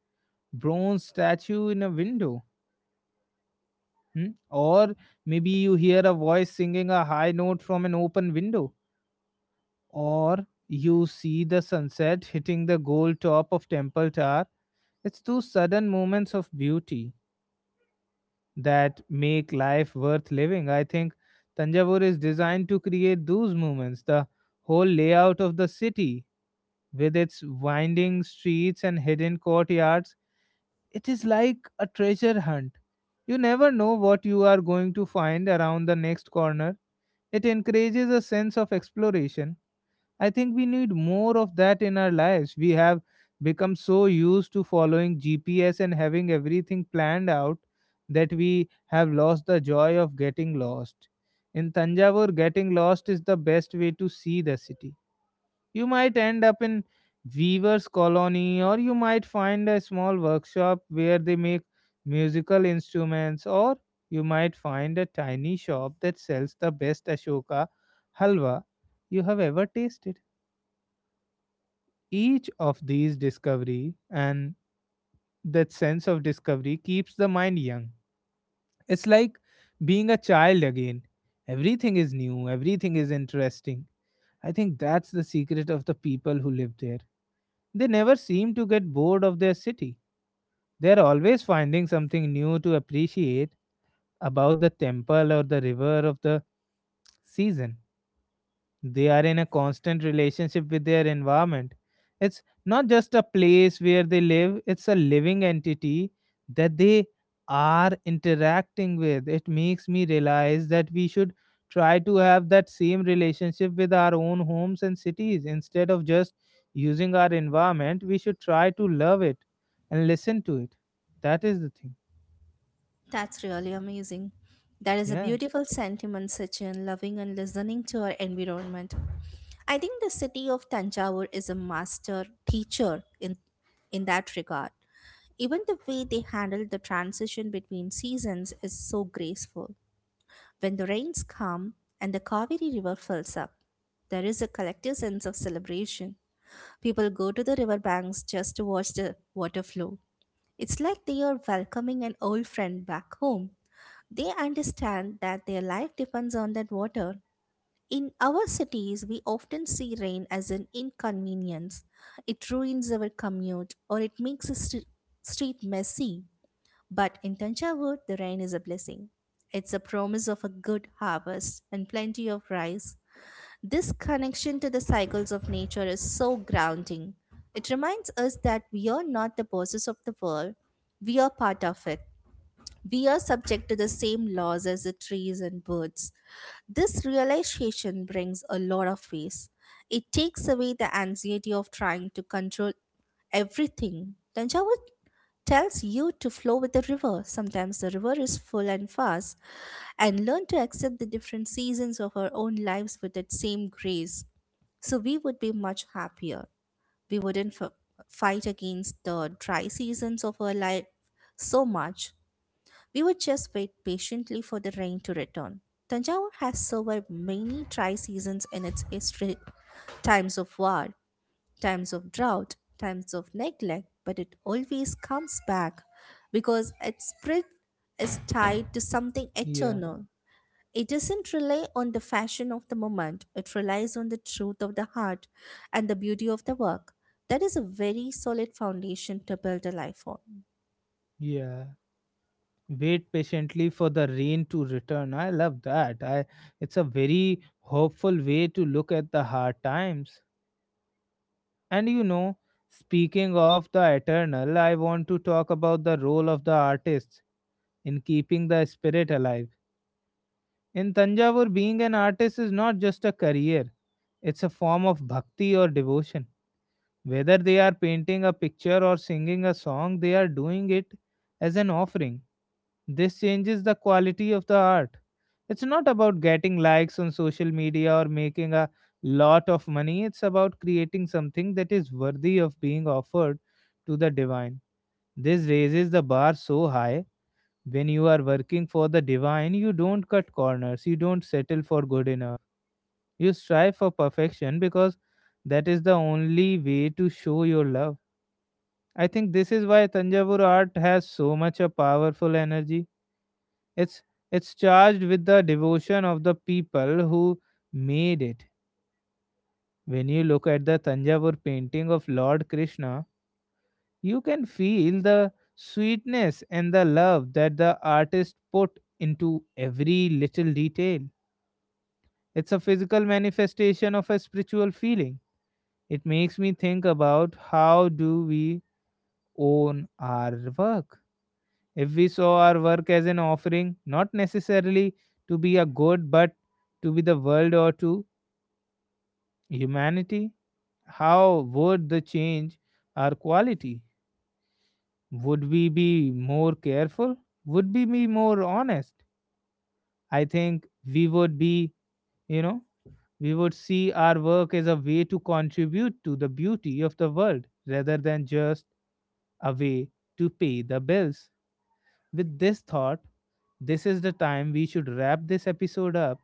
Speaker 1: bronze statue in a window. Hmm? Or maybe you hear a voice singing a high note from an open window. Or you see the sunset hitting the gold top of Temple Tower. It's those sudden moments of beauty that make life worth living. I think Tanjavur is designed to create those moments. The whole layout of the city, with its winding streets and hidden courtyards, it is like a treasure hunt. You never know what you are going to find around the next corner. It encourages a sense of exploration. I think we need more of that in our lives. We have become so used to following GPS and having everything planned out, that we have lost the joy of getting lost. In Tanjavur, getting lost is the best way to see the city. You might end up in weaver's colony, or you might find a small workshop where they make musical instruments, or you might find a tiny shop that sells the best Ashoka halwa you have ever tasted. Each of these discovery, and that sense of discovery keeps the mind young. It's like being a child again. Everything is new, everything is interesting. I think that's the secret of the people who live there. They never seem to get bored of their city. They are always finding something new to appreciate about the temple or the river of the season. They are in a constant relationship with their environment. It's not just a place where they live, it's a living entity that they are interacting with. It makes me realize that we should try to have that same relationship with our own homes and cities. Instead of just using our environment, we should try to love it and listen to it. That is the thing.
Speaker 2: That's really amazing. That is a
Speaker 1: Yeah,
Speaker 2: beautiful sentiment, Sachin, loving and listening to our environment. I think the city of Tanjavur is a master teacher in that regard. Even the way they handle the transition between seasons is so graceful. When the rains come and the Kaveri River fills up, there is a collective sense of celebration. People go to the riverbanks just to watch the water flow. It's like they are welcoming an old friend back home. They understand that their life depends on that water. In our cities, we often see rain as an inconvenience. It ruins our commute or it makes the street messy. But in Tanjavur, the rain is a blessing. It's a promise of a good harvest and plenty of rice. This connection to the cycles of nature is so grounding. It reminds us that we are not the bosses of the world, we are part of it. We are subject to the same laws as the trees and birds. This realization brings a lot of peace. It takes away the anxiety of trying to control everything. Tanjavur tells you to flow with the river. Sometimes the river is full and fast, and learn to accept the different seasons of our own lives with that same grace. So we would be much happier. We wouldn't fight against the dry seasons of our life so much. We would just wait patiently for the rain to return. Tanjavur has survived many dry seasons in its history, times of war, times of drought, times of neglect, but it always comes back because its spirit is tied to something
Speaker 1: yeah,
Speaker 2: eternal. It doesn't rely on the fashion of the moment, it relies on the truth of the heart and the beauty of the work. That is a very solid foundation to build a life on.
Speaker 1: yeah. Wait patiently for the rain to return. I love that. I it's a very hopeful way to look at the hard times. And you know, speaking of the eternal, I want to talk about the role of the artists in keeping the spirit alive. In Tanjavur, being an artist is not just a career, it's a form of bhakti or devotion. Whether they are painting a picture or singing a song, they are doing it as an offering. This changes the quality of the art. It's not about getting likes on social media or making a lot of money. It's about creating something that is worthy of being offered to the divine. This raises the bar so high. When you are working for the divine, you don't cut corners, you don't settle for good enough. You strive for perfection because that is the only way to show your love. I think this is why Tanjavur art has so much a powerful energy. It's it's charged with the devotion of the people who made it. When you look at the Tanjavur painting of Lord Krishna, you can feel the sweetness and the love that the artist put into every little detail. It's a physical manifestation of a spiritual feeling. It makes me think about, how do we own our work? If we saw our work as an offering, not necessarily to be a good, but to be the world or to humanity, how would the change our quality? Would we be more careful? Would we be more honest? I think we would be, you know, we would see our work as a way to contribute to the beauty of the world rather than just a way to pay the bills. With this thought, this is the time we should wrap this episode up.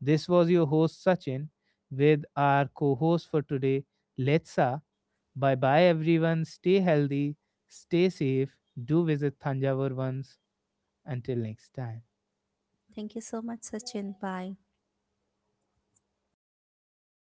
Speaker 1: This was your host Sachin, with our co host for today, Letsa. Bye bye, everyone. Stay healthy, stay safe. Do visit Thanjavur once. Until next time.
Speaker 2: Thank you so much, Sachin. Bye.